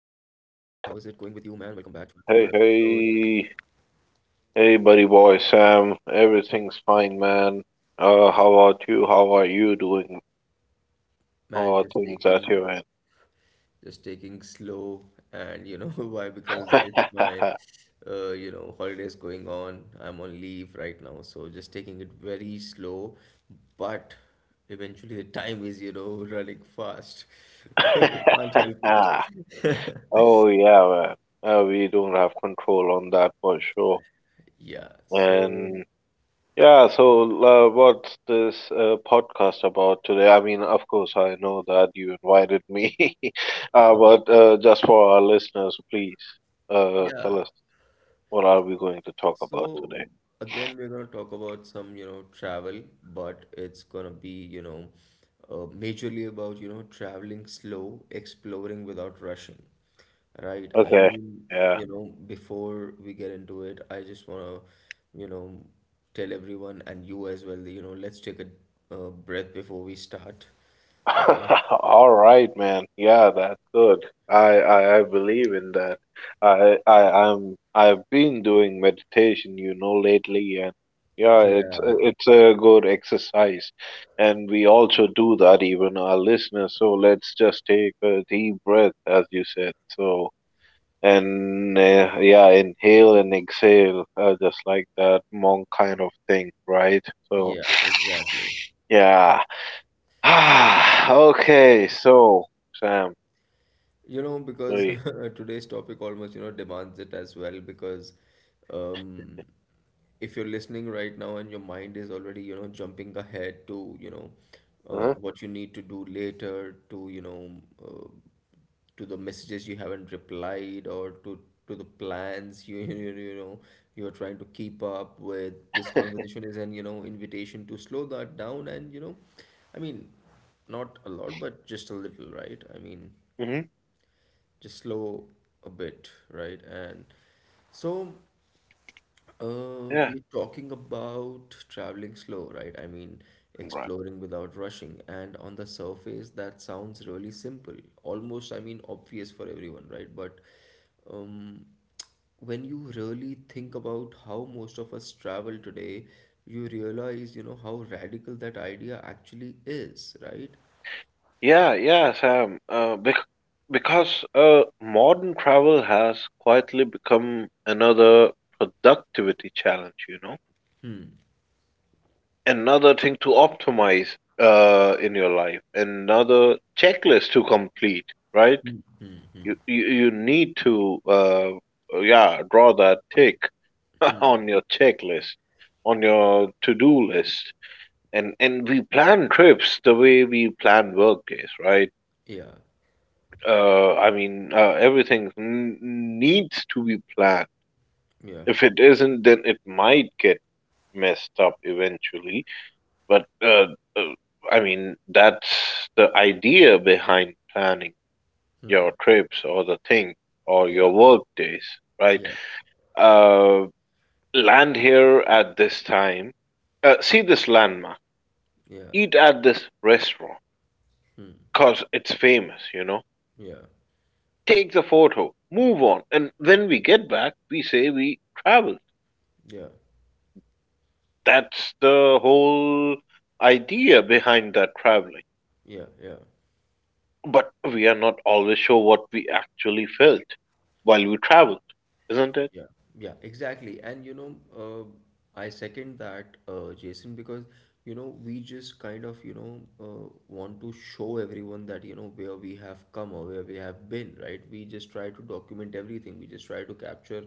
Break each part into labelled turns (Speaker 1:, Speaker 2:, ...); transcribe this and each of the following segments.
Speaker 1: it going with you, man? Welcome back to
Speaker 2: Hey,
Speaker 1: another episode.
Speaker 2: hey, hey, buddy boy, Sam. Everything's fine, man. How about you? How are you doing? How
Speaker 1: Man,
Speaker 2: are
Speaker 1: just
Speaker 2: things at
Speaker 1: taking
Speaker 2: your end?
Speaker 1: just taking slow. And you know why? Because it's my you know, holidays going on. I'm on leave right now, so just taking it very slow, but eventually the time is, you know, running fast. Can't help it.
Speaker 2: Oh, yeah, man. We don't have control on that for sure.
Speaker 1: Yeah, so
Speaker 2: And yeah, so what's this podcast about today? I mean, of course, I know that you invited me, uh, but uh, just for our listeners, please tell
Speaker 1: yeah,
Speaker 2: us. What are we going to talk about
Speaker 1: so
Speaker 2: today?
Speaker 1: again, we're going to talk about some, you know, travel, but it's going to be, you know, majorly about, you know, traveling slow, exploring without rushing, right? I
Speaker 2: Okay.
Speaker 1: mean,
Speaker 2: Yeah.
Speaker 1: you know, before we get into it, I just want to, you know, tell everyone and you as well, that, you know, let's take a breath before we start. Okay.
Speaker 2: All right, man. Yeah, that's good. I believe in that. I've been doing meditation, you know, lately, and yeah, it's
Speaker 1: Yeah.
Speaker 2: it's a good exercise, and we also do that even our listeners. So let's just take a deep breath, as you said. So and yeah, inhale and exhale, just like that monk kind of thing, right? So.
Speaker 1: Yeah, exactly.
Speaker 2: Yeah. Okay, so Sam,
Speaker 1: You know, because
Speaker 2: please.
Speaker 1: today's topic almost, you know, demands it as well. Because um, if you're listening right now and your mind is already, you know, jumping ahead to, you know,
Speaker 2: Uh-huh.
Speaker 1: what you need to do later, to, you know, uh, to the messages you haven't replied, or to the plans you know you're trying to keep up with this conversation is an, you know, invitation to slow that down, and you know, I mean, not a lot, but just a little, right? I mean,
Speaker 2: Mm-hmm.
Speaker 1: just slow a bit, right? And so
Speaker 2: Yeah.
Speaker 1: we're talking about traveling slow, right? I mean,
Speaker 2: Right.
Speaker 1: exploring without rushing. And on the surface, that sounds really simple, almost, I mean, obvious for everyone, right? But um, when you really think about how most of us travel today, you realize, you know, how radical that idea actually is, right?
Speaker 2: Yeah, yeah, Sam. Because modern travel has quietly become another productivity challenge, you know? Another thing to optimize in your life, another checklist to complete, right? You need to yeah, draw that tick on your checklist, on your to-do list. And we plan trips the way we plan workdays, right?
Speaker 1: Yeah,
Speaker 2: I mean, everything needs to be planned.
Speaker 1: yeah,
Speaker 2: If it isn't, then it might get messed up eventually. But uh, I mean, that's the idea behind planning your trips or the thing or
Speaker 1: yeah,
Speaker 2: your work days, right?
Speaker 1: yeah,
Speaker 2: Uh, Land here at this time. See this landmark.
Speaker 1: yeah,
Speaker 2: Eat at this restaurant because it's famous, you know.
Speaker 1: yeah.
Speaker 2: Take the photo, move on. And when we get back, we say we traveled.
Speaker 1: Yeah.
Speaker 2: That's the whole idea behind that traveling.
Speaker 1: Yeah. Yeah.
Speaker 2: But we are not always sure what we actually felt while we traveled, isn't it?
Speaker 1: Yeah, yeah, exactly. And you know, uh, I second that, Jason, because you know, we just kind of, you know, want to show everyone that, you know, where we have come or where we have been, right? We just try to document everything. We just try to capture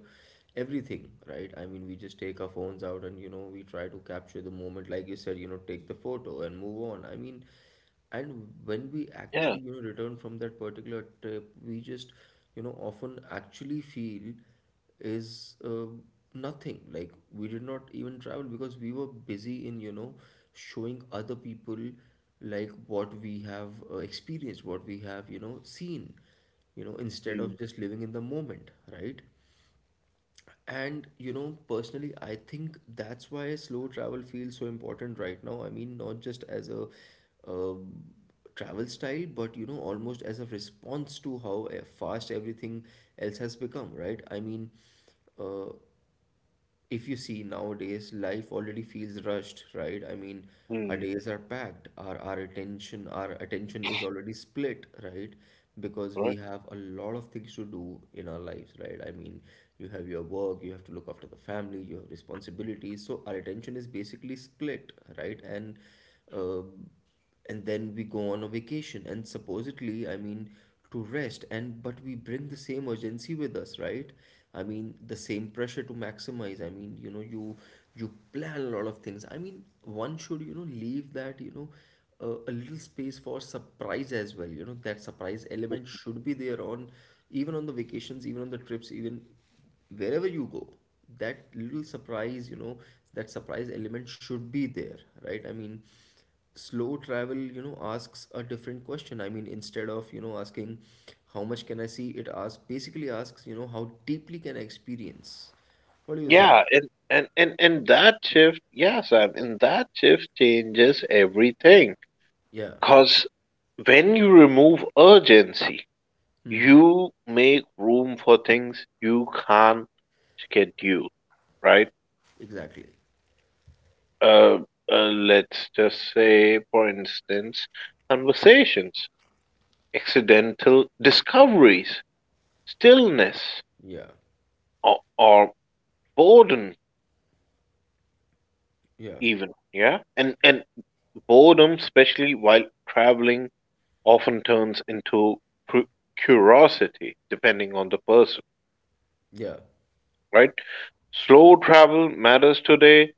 Speaker 1: everything, right? I mean, we just take our phones out and, you know, we try to capture the moment, like you said, you know, take the photo and move on. I mean, and when we
Speaker 2: Yeah.
Speaker 1: actually, you know, return from that particular trip, we just, you know, often actually feel is nothing like we did not even travel, because we were busy in, you know, showing other people like what we have experienced, what we have, you know, seen, you know, instead
Speaker 2: Mm,
Speaker 1: of just living in the moment, right? And you know, personally, I think that's why slow travel feels so important right now. I mean, not just as a uh, travel style, but you know, almost as a response to how fast everything else has become, right? I mean, uh, if you see nowadays, life already feels rushed, right? I mean, our
Speaker 2: mm,
Speaker 1: days are packed, our attention, our attention is already split, right? Because we
Speaker 2: right.
Speaker 1: have a lot of things to do in our lives, right? I mean, you have your work, you have to look after the family, you have responsibilities. So our attention is basically split, right? Uh, and then we go on a vacation and supposedly, I mean, to rest, and but we bring the same urgency with us, right? I mean, the same pressure to maximize. I mean, you know, you plan a lot of things. I mean, one should, you know, leave that, you know, a little space for surprise as well, you know, that surprise element should be there on, even on the vacations, even on the trips, even wherever you go, that little surprise, you know, that surprise element should be there, right? I mean, slow travel, you know, asks a different question. I mean, instead of, you know, asking how much can I see, it asks, basically asks, you know, how deeply can I experience? What do you think?
Speaker 2: Yeah, and that shift, yes, Sam, and that shift changes everything.
Speaker 1: Yeah,
Speaker 2: Because when you remove urgency, you make room for things you can't schedule, right?
Speaker 1: exactly.
Speaker 2: Uh, let's just say, for instance, conversations, accidental discoveries, stillness,
Speaker 1: Yeah,
Speaker 2: or boredom,
Speaker 1: yeah,
Speaker 2: even. Yeah, and boredom, especially while traveling, often turns into cu- curiosity, depending on the person.
Speaker 1: yeah.
Speaker 2: Right? Slow travel matters today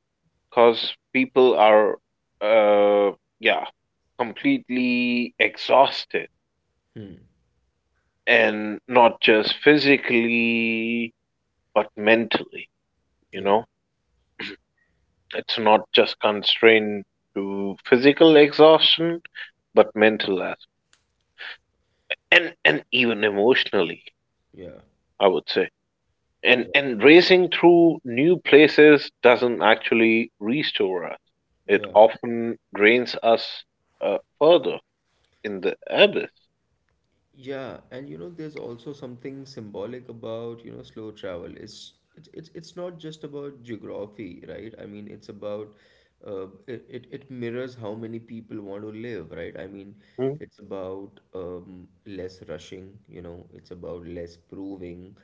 Speaker 2: because people are, uh, yeah, completely exhausted
Speaker 1: Hmm.
Speaker 2: and not just physically, but mentally, you
Speaker 1: Yeah,
Speaker 2: know? It's not just constrained to physical exhaustion, but mental as and even emotionally,
Speaker 1: yeah,
Speaker 2: I would say. And
Speaker 1: yeah,
Speaker 2: and racing through new places doesn't actually restore us. It
Speaker 1: yeah.
Speaker 2: often drains us further in the abyss.
Speaker 1: Yeah, and you know, there's also something symbolic about, you know, slow travel. It's not just about geography, right? I mean, it's about it, it mirrors how many people want to live, right? I mean,
Speaker 2: Mm.
Speaker 1: it's about less rushing, you know, it's about less proving,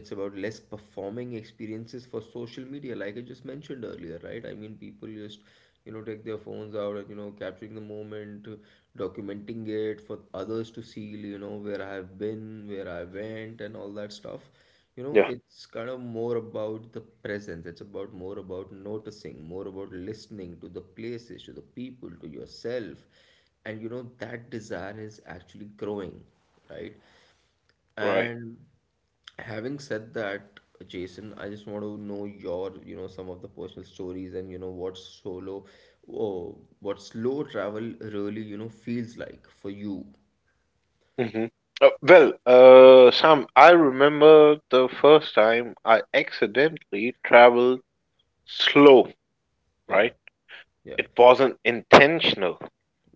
Speaker 1: it's about less performing experiences for social media, like I just mentioned earlier, right? I mean, people just, you know, take their phones out and, you know, capturing the moment, documenting it for others to see, you know, where I have been, where I went, and all that stuff. You know,
Speaker 2: Yeah,
Speaker 1: it's kind of more about the presence. It's about more about noticing, more about listening to the places, to the people, to yourself. And you know, that desire is actually growing, right?
Speaker 2: right.
Speaker 1: And having said that, Jason, I just want to know your, you know, some of the personal stories and, you know, what solo, oh, what slow travel really, you know, feels like for you.
Speaker 2: Hmm. Well, Sam, I remember the first time I accidentally traveled slow.
Speaker 1: Yeah,
Speaker 2: Right,
Speaker 1: yeah,
Speaker 2: it wasn't intentional.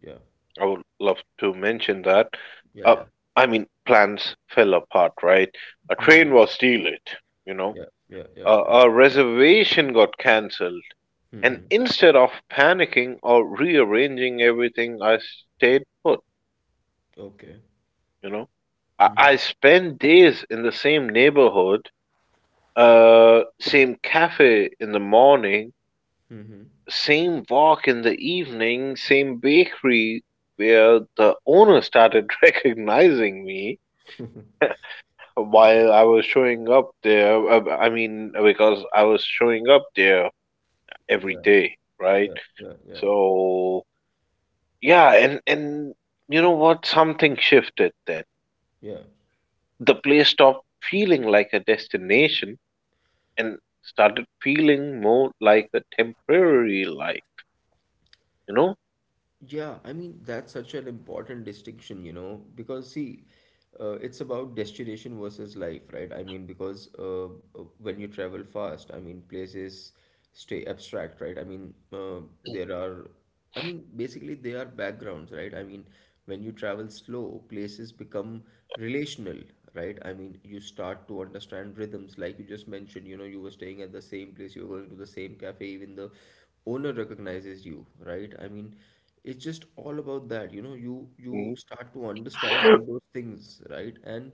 Speaker 1: yeah,
Speaker 2: I would love to mention that.
Speaker 1: yeah,
Speaker 2: Uh,
Speaker 1: yeah.
Speaker 2: I mean, plans fell apart. Right, a train
Speaker 1: Hmm.
Speaker 2: was delayed. You know.
Speaker 1: Yeah, yeah, yeah, yeah.
Speaker 2: Our reservation got cancelled, and
Speaker 1: Hmm.
Speaker 2: instead of panicking or rearranging everything, I stayed put.
Speaker 1: Okay.
Speaker 2: You know, I,
Speaker 1: Hmm.
Speaker 2: I spent days in the same neighborhood, same cafe in the morning, same walk in the evening, same bakery where the owner started recognizing me
Speaker 1: Nice.
Speaker 2: while I was showing up there. I mean, because I was showing up there every
Speaker 1: Yeah,
Speaker 2: day, right?
Speaker 1: yeah, yeah, yeah,
Speaker 2: So yeah, and you know what? Something shifted then.
Speaker 1: yeah.
Speaker 2: The place stopped feeling like a destination and started feeling more like a temporary life, you know?
Speaker 1: Yeah, I mean, that's such an important distinction, you know, because see, it's about destination versus life, right? I mean, because when you travel fast, I mean, places stay abstract, right? I mean, there are, I mean, basically, they are backgrounds, right? I mean, when you travel slow, places become relational, right? I mean, you start to understand rhythms, like you just mentioned, you know, you were staying at the same place, you were going to the same cafe, even the owner recognizes you, right? I mean, it's just all about that, you know, you
Speaker 2: Mm.
Speaker 1: start to understand all those things, right? And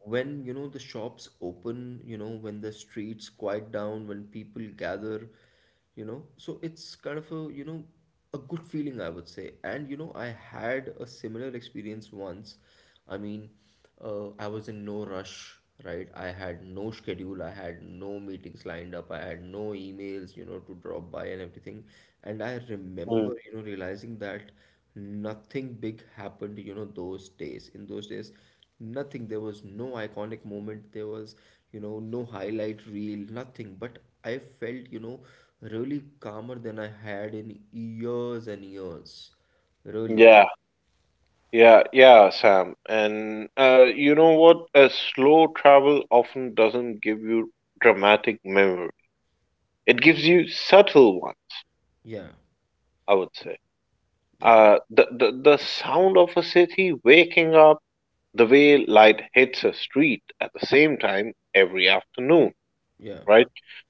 Speaker 1: when, you know, the shops open, you know, when the streets quiet down, when people gather, you know, so it's kind of a, you know, a good feeling, I would say. And you know, I had a similar experience once, I mean, I was in no rush, right? I had no schedule, I had no meetings lined up, I had no emails, you know, to drop by and everything. And I
Speaker 2: Mm.
Speaker 1: remember, you know, realizing that nothing big happened, you know, those days. In those days, nothing. There was no iconic moment, there was, you know, no highlight reel, nothing. But I felt, you know, really calmer than I had in years and years. Really.
Speaker 2: Yeah, yeah, yeah, Sam. And you know what? A slow travel often doesn't give you dramatic memory. It gives you subtle ones,
Speaker 1: Yeah,
Speaker 2: I would say.
Speaker 1: yeah,
Speaker 2: The the sound of a city waking up, the way light hits a street at the same time every afternoon,
Speaker 1: yeah,
Speaker 2: right?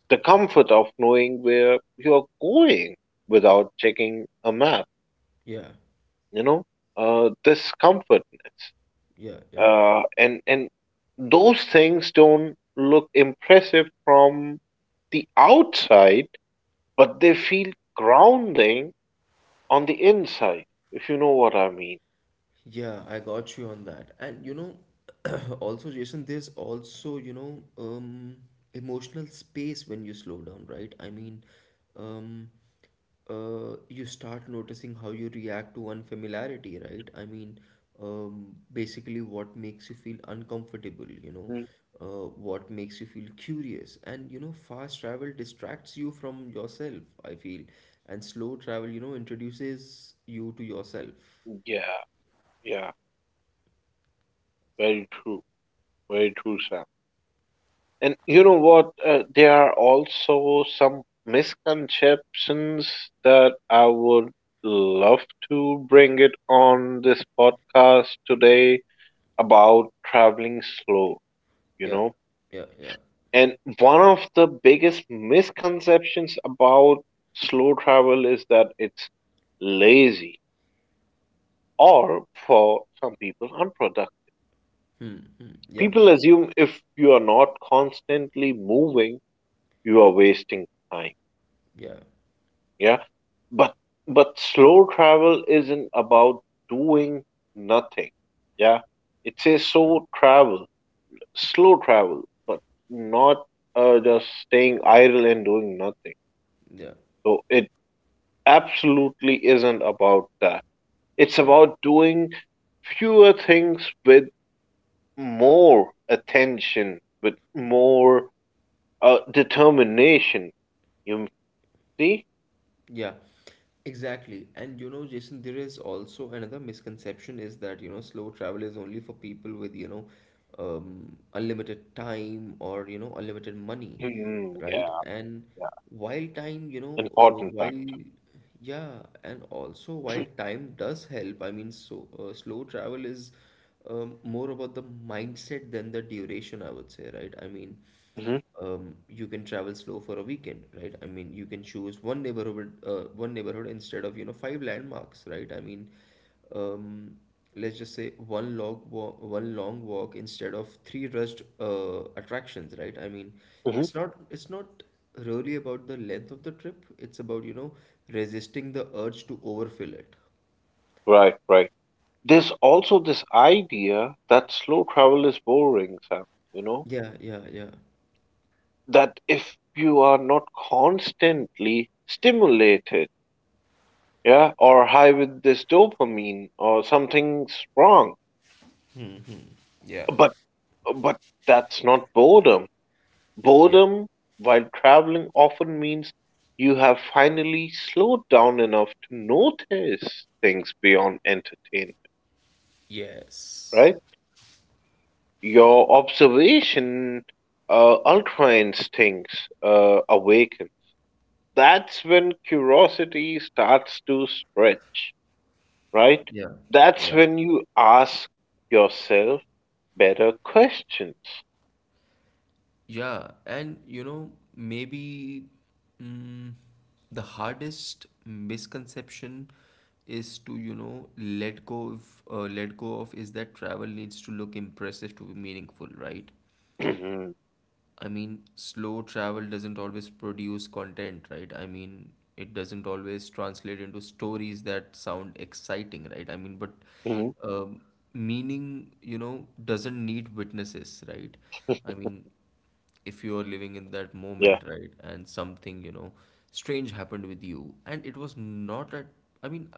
Speaker 2: The comfort of knowing where you're going without checking a map,
Speaker 1: yeah.
Speaker 2: you know, this comfortness,
Speaker 1: Yeah, yeah.
Speaker 2: and those things don't look impressive from the outside, but they feel grounding on the inside, if you know what I mean.
Speaker 1: Yeah, I got you on that. And you know, also Jason, there's also, you know, emotional space when you slow down, right? I mean, um you start noticing how you react to unfamiliarity, right? I mean, basically what makes you feel uncomfortable, you know,
Speaker 2: Mm.
Speaker 1: what makes you feel curious. And you know, fast travel distracts you from yourself, I feel. And slow travel, you know, introduces you to yourself.
Speaker 2: Yeah, yeah. Very true. Very true, Sam. And you know what? There are also some misconceptions that I would love to bring it on this podcast today about traveling slow, you
Speaker 1: Yeah,
Speaker 2: know?
Speaker 1: yeah, yeah.
Speaker 2: And one of the biggest misconceptions about slow travel is that it's lazy or for some people unproductive.
Speaker 1: Hmm, hmm, yeah,
Speaker 2: People assume if you are not constantly moving, you are wasting time.
Speaker 1: yeah,
Speaker 2: Yeah, but but slow travel isn't about doing nothing. Yeah, it says
Speaker 1: yeah,
Speaker 2: so, travel slow travel but not just staying idle and doing nothing.
Speaker 1: yeah,
Speaker 2: So it absolutely isn't about that. It's
Speaker 1: yeah,
Speaker 2: about doing fewer things with more attention with more determination, you see.
Speaker 1: yeah. Exactly. And you know, Jason, there is also another misconception is that, you know, slow travel is only for people with, you know, unlimited time or, you know, unlimited money,
Speaker 2: Hmm,
Speaker 1: right?
Speaker 2: yeah
Speaker 1: And
Speaker 2: yeah
Speaker 1: while time, you know,
Speaker 2: important
Speaker 1: while,
Speaker 2: fact.
Speaker 1: yeah, and also while time does help, I mean, so slow travel is more about the mindset than the duration, I would say, right? I mean,
Speaker 2: Mhm,
Speaker 1: you can travel slow for a weekend, right? I mean, you can choose one neighborhood instead of, you know, five landmarks, right? I mean, um, let's just say one long walk instead of three rushed attractions, right? I mean,
Speaker 2: mhm.
Speaker 1: it's not really about the length of the trip. It's about, you know, resisting the urge to overfill it.
Speaker 2: Right, right. There's also this idea that slow travel is boring, Sam. You know,
Speaker 1: Yeah, yeah, yeah,
Speaker 2: that if you are not constantly stimulated, yeah, or high with this dopamine or something's wrong.
Speaker 1: yeah,
Speaker 2: But but that's not boredom.
Speaker 1: yeah,
Speaker 2: Boredom while traveling often means you have finally slowed down enough to notice things beyond entertainment,
Speaker 1: yes,
Speaker 2: right? Your observation outlines things, awakens. That's when curiosity starts to stretch, right?
Speaker 1: yeah,
Speaker 2: That's
Speaker 1: yeah.
Speaker 2: when you ask yourself better questions.
Speaker 1: Yeah, and you know, maybe mm, the hardest misconception is to, you know, let go of, is that travel needs to look impressive to be meaningful, right?
Speaker 2: Hmm.
Speaker 1: I mean, slow travel doesn't always produce content, right? I mean, it doesn't always translate into stories that sound exciting, right? I mean, but
Speaker 2: Hmm.
Speaker 1: um, meaning, you know, doesn't need witnesses, right? I mean, if you are living in that
Speaker 2: Yeah.
Speaker 1: moment, right, and something, you know, strange happened with you, and it was not at, I mean,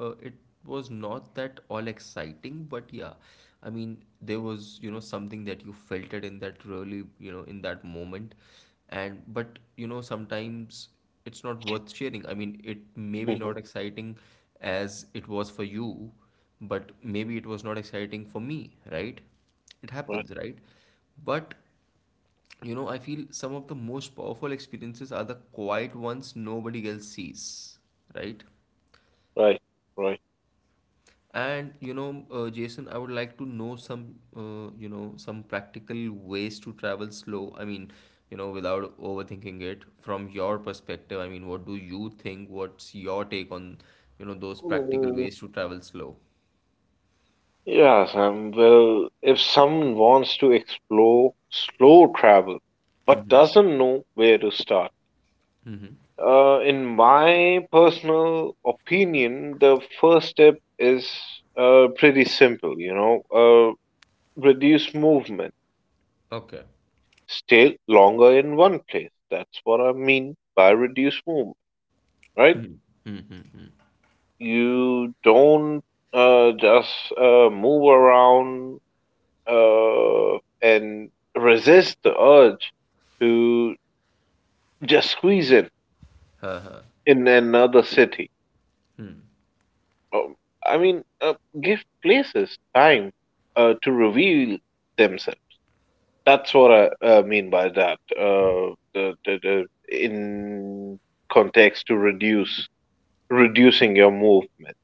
Speaker 1: it was not that all exciting, but yeah, I mean, there was, you know, something that you felt it in that really, you know, in that moment. And, but, you know, sometimes it's not worth sharing. I mean, it may be
Speaker 2: Hmm.
Speaker 1: not exciting as it was for you, but maybe it was not exciting for me, right? It
Speaker 2: Right.
Speaker 1: happens, right? But, you know, I feel some of the most powerful experiences are the quiet ones nobody else sees, right?
Speaker 2: Right. Right.
Speaker 1: And Jason, I would like to know some, some practical ways to travel slow. Without overthinking it from your perspective. I mean, what do you think? What's your take on, those practical
Speaker 2: Mm,
Speaker 1: ways to travel slow?
Speaker 2: yeah, Sam. Well, if someone wants to explore slow travel but
Speaker 1: Mm-hmm.
Speaker 2: doesn't know where to start, in my personal opinion, the first step is pretty simple, you know, reduce movement,
Speaker 1: Okay.
Speaker 2: stay longer in one place. That's what I mean by reduce movement, right? You don't just move around and resist the urge to just squeeze in another city. Um, I mean, give places time to reveal themselves. That's what I mean by that. The in context to reduce reducing your movement.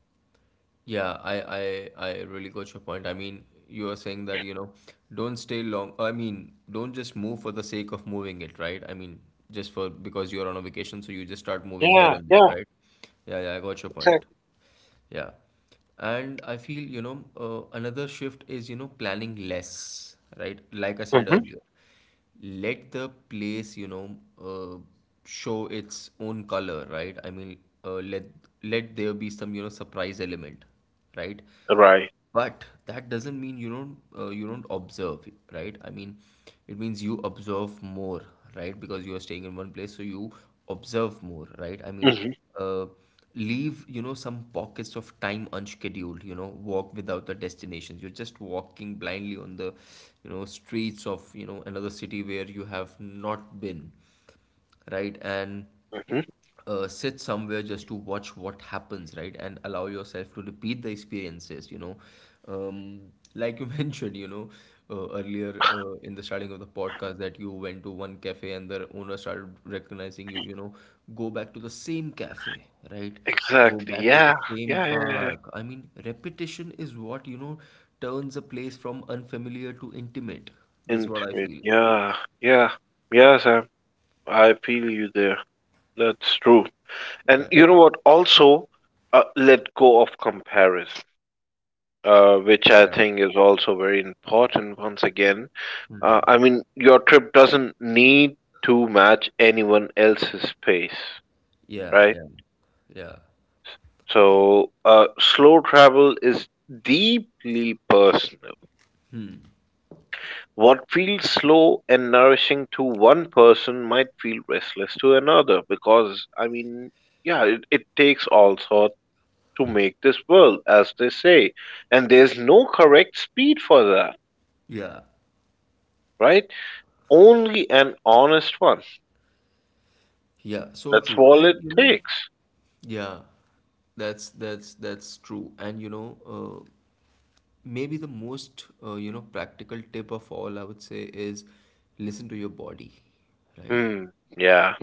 Speaker 1: Yeah, I really got your point. I mean, you are saying that, don't stay long. I mean, don't just move for the sake of moving it, right? I mean, just for because you're on a vacation, so you just start moving here
Speaker 2: Yeah,
Speaker 1: and there,
Speaker 2: yeah,
Speaker 1: right? Yeah, yeah, I got your point.
Speaker 2: exactly.
Speaker 1: Yeah. And I feel, another shift is, planning less, right? Like I said
Speaker 2: Hmm.
Speaker 1: earlier, let the place, uh, show its own color, right? I mean, let let there be some, surprise element, right?
Speaker 2: Right.
Speaker 1: But that doesn't mean you don't observe, right? I mean, it means you observe more, right? Because you are staying in one place, so you observe more, right? I mean,
Speaker 2: Hmm.
Speaker 1: uh, leave, some pockets of time unscheduled, you know, walk without the destinations. You're just walking blindly on the, streets of, another city where you have not been, right? And
Speaker 2: Hmm.
Speaker 1: sit somewhere just to watch what happens, right? And allow yourself to repeat the experiences, you know. Um, like you mentioned, earlier in the starting of the podcast that you went to one cafe and the owner started recognizing you, you know, go back to the same cafe, right? Go
Speaker 2: Exactly.
Speaker 1: back to the
Speaker 2: Yeah,
Speaker 1: same
Speaker 2: yeah, yeah, yeah, yeah.
Speaker 1: park. I mean, repetition is what, turns a place from unfamiliar to intimate. That's what I
Speaker 2: Intimate.
Speaker 1: feel.
Speaker 2: Yeah, yeah, yeah, Sam. I feel you there. That's true. And
Speaker 1: Yeah.
Speaker 2: you know what? Also, let go of comparison. Which I
Speaker 1: Yeah.
Speaker 2: think is also very important once again. I mean, your trip doesn't need to match anyone else's pace,
Speaker 1: Yeah.
Speaker 2: right?
Speaker 1: Yeah. Yeah.
Speaker 2: So, slow travel is deeply personal. What feels slow and nourishing to one person might feel restless to another because, I mean, yeah, it takes all sorts to make this world, as they say, and there's no correct speed for that,
Speaker 1: Yeah.
Speaker 2: right? Only an honest one.
Speaker 1: Yeah, so
Speaker 2: That's
Speaker 1: true.
Speaker 2: all it
Speaker 1: And you know,
Speaker 2: takes.
Speaker 1: yeah, that's true. And you know, uh, maybe the most practical tip of all I would say is listen to your body, right?
Speaker 2: Hmm. Yeah.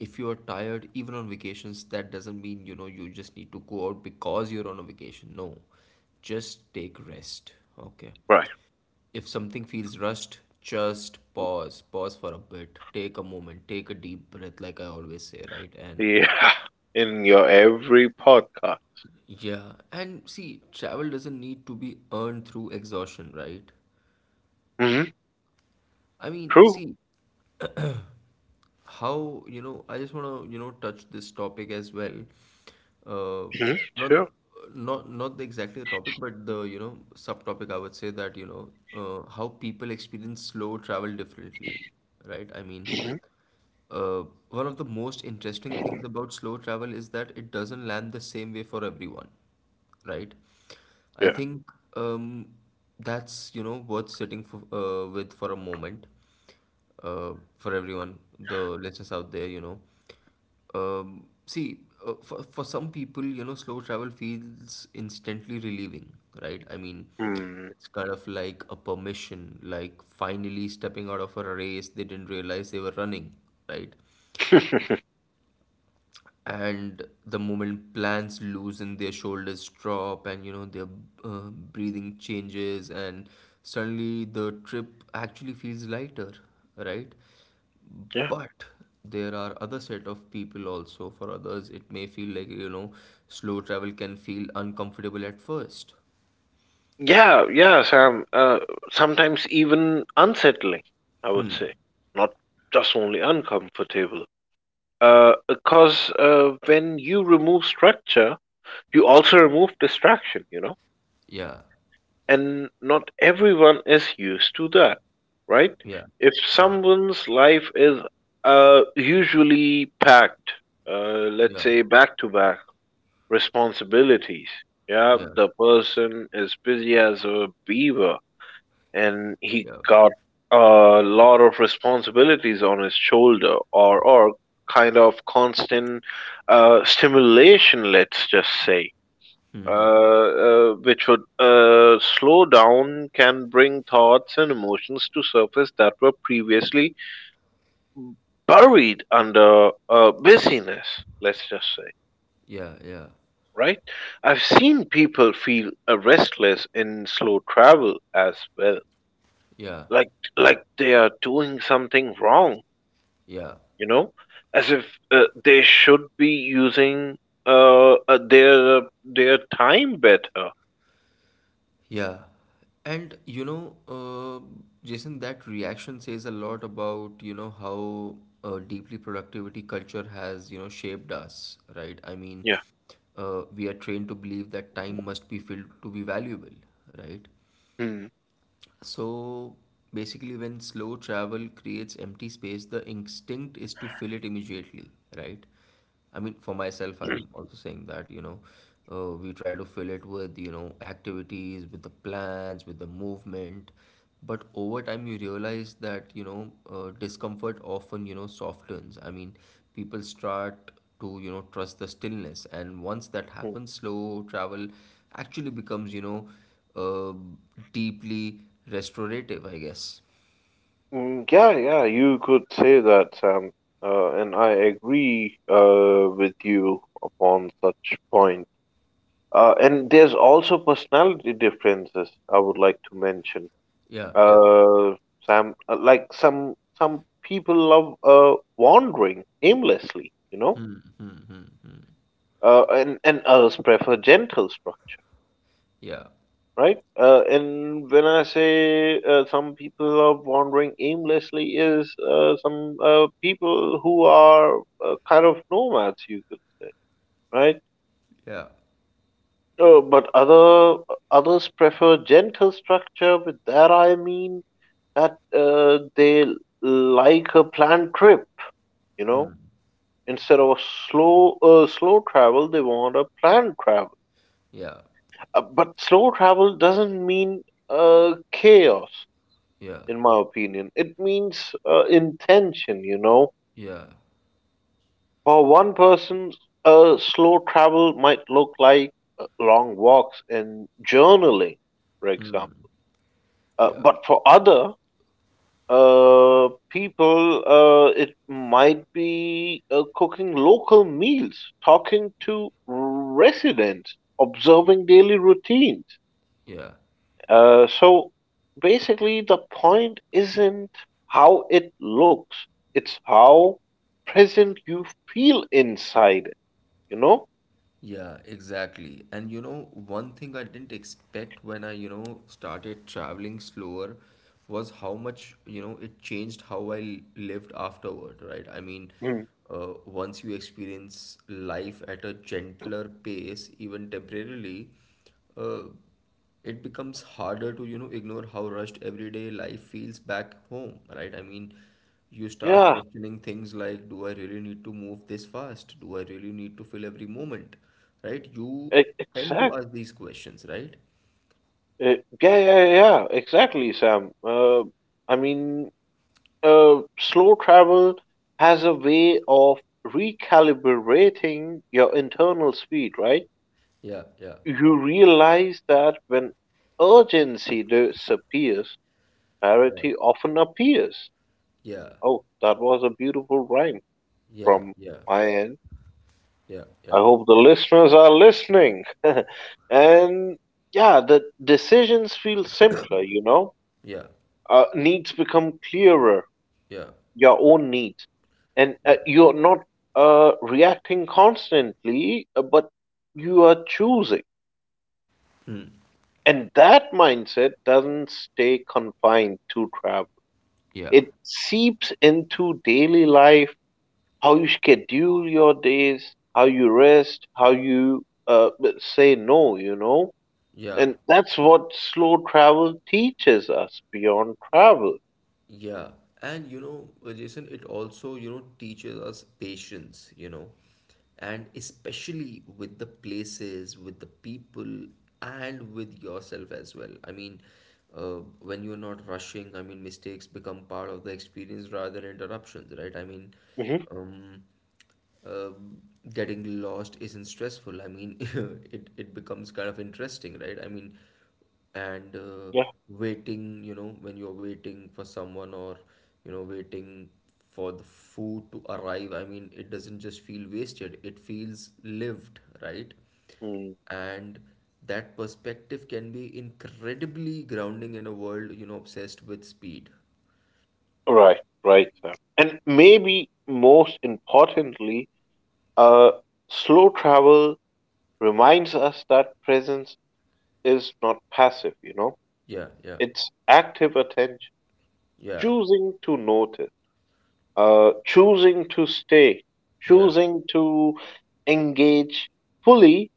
Speaker 1: If you are tired, even on vacations, that doesn't mean, you know, you just need to go out because you're on a vacation. No, just take rest. Okay.
Speaker 2: Right.
Speaker 1: If something feels rushed, just pause, pause for a bit, take a moment, take a deep breath, like I always say, right? And
Speaker 2: Yeah. In your every podcast.
Speaker 1: yeah, and see, travel doesn't need to be earned through exhaustion, right?
Speaker 2: Hmm.
Speaker 1: I mean,
Speaker 2: True.
Speaker 1: see, how, I just want to, touch this topic as well. Uh,
Speaker 2: Hmm.
Speaker 1: not,
Speaker 2: Sure.
Speaker 1: not the- exactly the topic, but the, subtopic, I would say that, how people experience slow travel differently, right? I mean,
Speaker 2: Hmm.
Speaker 1: Uh, one of the most interesting things about slow travel is that it doesn't land the same way for everyone, right? I
Speaker 2: Yeah.
Speaker 1: think um, that's, worth sitting for, with for a moment for everyone, the listeners out there, you know. Um, see, for some people, you know, slow travel feels instantly relieving, right? I mean,
Speaker 2: Hmm.
Speaker 1: it's kind of like a permission, like finally stepping out of a race they didn't realize they were running, right? And the moment plans loosen, their shoulders drop, and, their breathing changes, and suddenly the trip actually feels lighter, right?
Speaker 2: Yeah.
Speaker 1: But there are other set of people also. For others it may feel like, you know, slow travel can feel uncomfortable at first.
Speaker 2: Yeah. Yeah. Sam. Sometimes even unsettling. I would
Speaker 1: Hmm.
Speaker 2: say not just only uncomfortable. Because when you remove structure, you also remove distraction. You know.
Speaker 1: Yeah,
Speaker 2: And not everyone is used to that, right?
Speaker 1: yeah,
Speaker 2: If
Speaker 1: yeah,
Speaker 2: someone's life is usually packed,
Speaker 1: yeah,
Speaker 2: let's say back to back responsibilities, yeah,
Speaker 1: yeah,
Speaker 2: the person is busy as a beaver and he
Speaker 1: yeah.
Speaker 2: got a lot of responsibilities on his shoulder or kind of constant stimulation, let's just say.
Speaker 1: Hmm.
Speaker 2: uh,
Speaker 1: Hmm.
Speaker 2: uh, which would uh, slow down can bring thoughts and emotions to surface that were previously buried under busyness, let's just say,
Speaker 1: Yeah, yeah,
Speaker 2: right? I've seen people feel restless in slow travel as well,
Speaker 1: yeah,
Speaker 2: like like they are doing something wrong,
Speaker 1: yeah.
Speaker 2: you know, as if they should be using their their time better.
Speaker 1: Yeah. And you know, Jason, that reaction says a lot about, how deeply productivity culture has, shaped us, right? I mean,
Speaker 2: Yeah.
Speaker 1: we are trained to believe that time must be filled to be valuable, right?
Speaker 2: Hmm.
Speaker 1: So basically, when slow travel creates empty space, the instinct is to fill it immediately, right? I mean, for myself, I'm also saying that, we try to fill it with, activities, with the plans, with the movement. But over time, you realize that, discomfort often, softens. I mean, people start to, trust the stillness. And once that happens, slow travel actually becomes, uh, deeply restorative, I guess.
Speaker 2: Mm, yeah, yeah, you could say that, Sam, and I agree with you upon such point. And there's also personality differences I would like to mention.
Speaker 1: Yeah, yeah,
Speaker 2: Uh, Sam, like some people love wandering aimlessly, you know, and others prefer gentle structure.
Speaker 1: yeah,
Speaker 2: Right? And when I say some people are wandering aimlessly, is some people who are kind of nomads, you could say, right?
Speaker 1: yeah,
Speaker 2: But others prefer gentle structure. With that, I mean that they like a planned trip, you know. Instead of slow travel, they want a planned travel.
Speaker 1: yeah,
Speaker 2: But slow travel doesn't mean chaos,
Speaker 1: yeah,
Speaker 2: in my opinion. It means intention, you know.
Speaker 1: yeah,
Speaker 2: For one person, slow travel might look like long walks and journaling, for example. Uh,
Speaker 1: yeah,
Speaker 2: but for other uh, people, it might be cooking local meals, talking to residents, observing daily routines.
Speaker 1: yeah,
Speaker 2: So basically, the point isn't how it looks, it's how present you feel inside it, you know?
Speaker 1: yeah, exactly. And you know, one thing I didn't expect when I, started traveling slower was how much, it changed how I lived afterward, right? I mean,
Speaker 2: Mm.
Speaker 1: once you experience life at a gentler pace, even temporarily, uh, it becomes harder to, you know, ignore how rushed everyday life feels back home, right? I mean, you start
Speaker 2: Yeah,
Speaker 1: questioning things like, do I really need to move this fast? Do I really need to fill every moment, right? You tend to
Speaker 2: exactly.
Speaker 1: ask these questions, right?
Speaker 2: Yeah, yeah, yeah, exactly, Sam. I mean, slow travel has a way of recalibrating your internal speed, right?
Speaker 1: Yeah, yeah,
Speaker 2: You realize that when urgency disappears,
Speaker 1: yeah,
Speaker 2: clarity often appears.
Speaker 1: yeah,
Speaker 2: Oh, that was a beautiful rhyme
Speaker 1: yeah,
Speaker 2: from
Speaker 1: yeah,
Speaker 2: my end.
Speaker 1: yeah,
Speaker 2: I hope the listeners are listening. And yeah, the decisions feel simpler, you know.
Speaker 1: yeah,
Speaker 2: Needs become clearer,
Speaker 1: yeah,
Speaker 2: your own needs. And you're not reacting constantly, but you are choosing. And that mindset doesn't stay confined to travel,
Speaker 1: yeah, yeah,
Speaker 2: it seeps into daily life, how you schedule your days, how you rest, how you say no, you know.
Speaker 1: yeah.
Speaker 2: And that's what slow travel teaches us beyond travel.
Speaker 1: Yeah, and you know, Jason, it also, teaches us patience, you know, and especially with the places, with the people, and with yourself as well. I mean, when you're not rushing, I mean, mistakes become part of the experience rather than interruptions, right? I mean,
Speaker 2: Hmm.
Speaker 1: um, um, getting lost isn't stressful. I mean, it becomes kind of interesting, right? I mean, and
Speaker 2: Yeah.
Speaker 1: waiting, you know, when you're waiting for someone or, you know, waiting for the food to arrive. I mean, it doesn't just feel wasted. It feels lived, right?
Speaker 2: Hmm.
Speaker 1: And that perspective can be incredibly grounding in a world, you know, obsessed with speed.
Speaker 2: Right. Right. Sam. And maybe most importantly, uh, slow travel reminds us that presence is not passive, you know,
Speaker 1: Yeah, yeah,
Speaker 2: it's active attention,
Speaker 1: yeah,
Speaker 2: choosing to notice. Choosing to stay,
Speaker 1: yeah.
Speaker 2: choosing to engage fully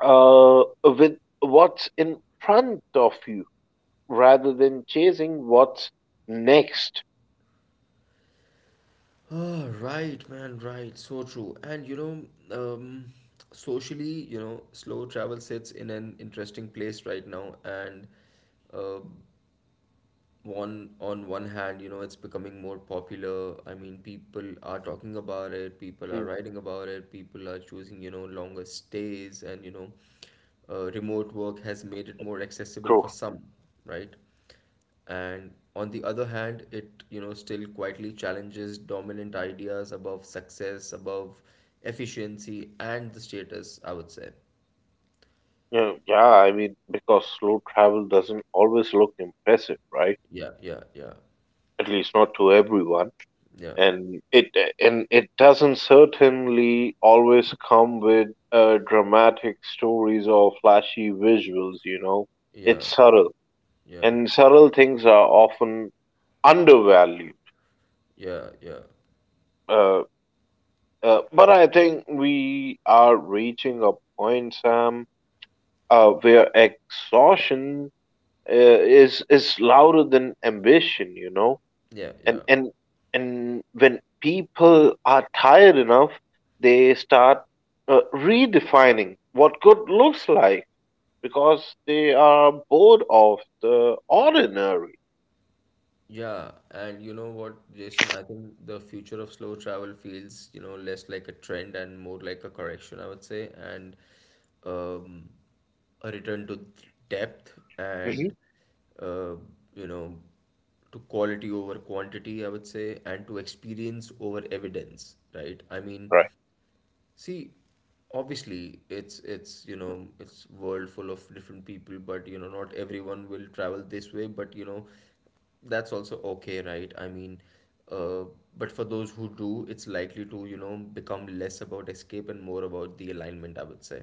Speaker 2: with what's in front of you rather than chasing what's next.
Speaker 1: Ah, right, man, right. So true. And you know, um, socially, you know, slow travel sits in an interesting place right now, and uh, one on one hand, you know, it's becoming more popular. I mean, people are talking about it, people are
Speaker 2: Mm.
Speaker 1: writing about it, people are choosing, you know, longer stays, and, remote work has made it more accessible for
Speaker 2: True.
Speaker 1: some, right? And on the other hand, it, you know, still quietly challenges dominant ideas above success, above efficiency and the status, I would say.
Speaker 2: Yeah, yeah, I mean, because slow travel doesn't always look impressive, right?
Speaker 1: Yeah, yeah, yeah,
Speaker 2: At least not to everyone,
Speaker 1: yeah,
Speaker 2: and it and it doesn't certainly always come with dramatic stories or flashy visuals. You know, it's
Speaker 1: yeah,
Speaker 2: subtle
Speaker 1: yeah,
Speaker 2: and several things are often undervalued.
Speaker 1: yeah, yeah,
Speaker 2: Uh, but I think we are reaching a point, Sam, where exhaustion is louder than ambition, you know,
Speaker 1: yeah,
Speaker 2: and
Speaker 1: yeah.
Speaker 2: and and when people are tired enough, they start redefining what good looks like because they are bored of the ordinary.
Speaker 1: Yeah, and you know what, Jason, I think the future of slow travel feels, you know, less like a trend and more like a correction, I would say, and um, a return to depth and,
Speaker 2: Mhm.
Speaker 1: uh, you know, to quality over quantity, I would say, and to experience over evidence, right? I mean, see, obviously, it's you know it's world full of different people, but you know not everyone will travel this way. But you know that's also okay, right? I mean, uh, but for those who do, it's likely to, you know, become less about escape and more about the alignment, I would say.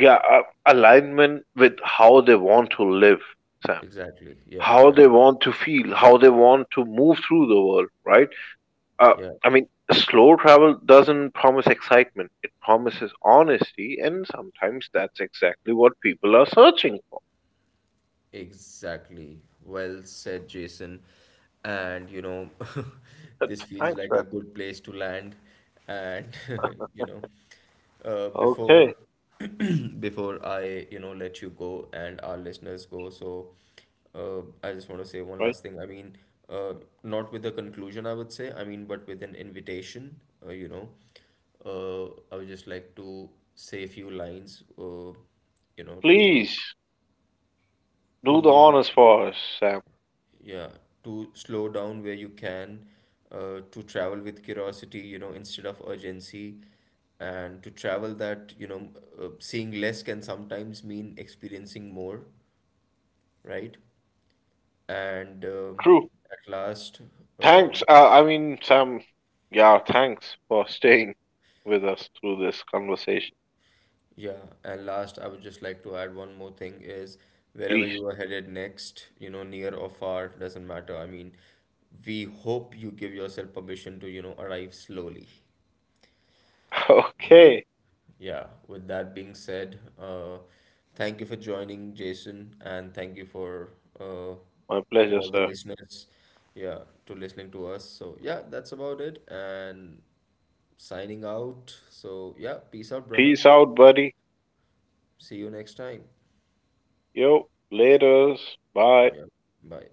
Speaker 2: Yeah, alignment with how they want to live, Sam,
Speaker 1: Exactly. Yeah.
Speaker 2: how
Speaker 1: Yeah.
Speaker 2: they want to feel, how they want to move through the world, right? uh,
Speaker 1: Yeah.
Speaker 2: I mean, slow travel doesn't promise excitement, it promises honesty and sometimes that's exactly what people are searching for.
Speaker 1: Exactly. Well said, Jason. And you know,
Speaker 2: But
Speaker 1: this feels
Speaker 2: thanks,
Speaker 1: like a
Speaker 2: man.
Speaker 1: good place to land. And you know,
Speaker 2: Okay.
Speaker 1: before before I, let you go and our listeners go, so I just want to say one
Speaker 2: Right.
Speaker 1: last thing. I mean, uh, not with a conclusion, I would say. I mean, but with an invitation. Uh, you know, I would just like to say a few lines. You know,
Speaker 2: Please do the
Speaker 1: to
Speaker 2: honors for us, Sam.
Speaker 1: yeah, to slow down where you can, to travel with curiosity, you know, instead of urgency, and to travel that, you know, seeing less can sometimes mean experiencing more, right? and
Speaker 2: True.
Speaker 1: at last uh,
Speaker 2: Thanks, Sam, yeah, thanks for staying with us through this conversation.
Speaker 1: yeah, and last I would just like to add one more thing is wherever
Speaker 2: Please.
Speaker 1: you are headed next, you know, near or far doesn't matter. I mean, we hope you give yourself permission to, you know, arrive slowly.
Speaker 2: Okay.
Speaker 1: Yeah, with that being said, thank you for joining, Jason, and thank you for uh,
Speaker 2: My
Speaker 1: to
Speaker 2: pleasure,
Speaker 1: all the
Speaker 2: sir.
Speaker 1: listeners, yeah, to listening to us. So yeah, that's about it, and signing out. So yeah, peace out, brother.
Speaker 2: Peace out, buddy.
Speaker 1: See you next time.
Speaker 2: Yo, laters. Bye.
Speaker 1: Yeah, bye.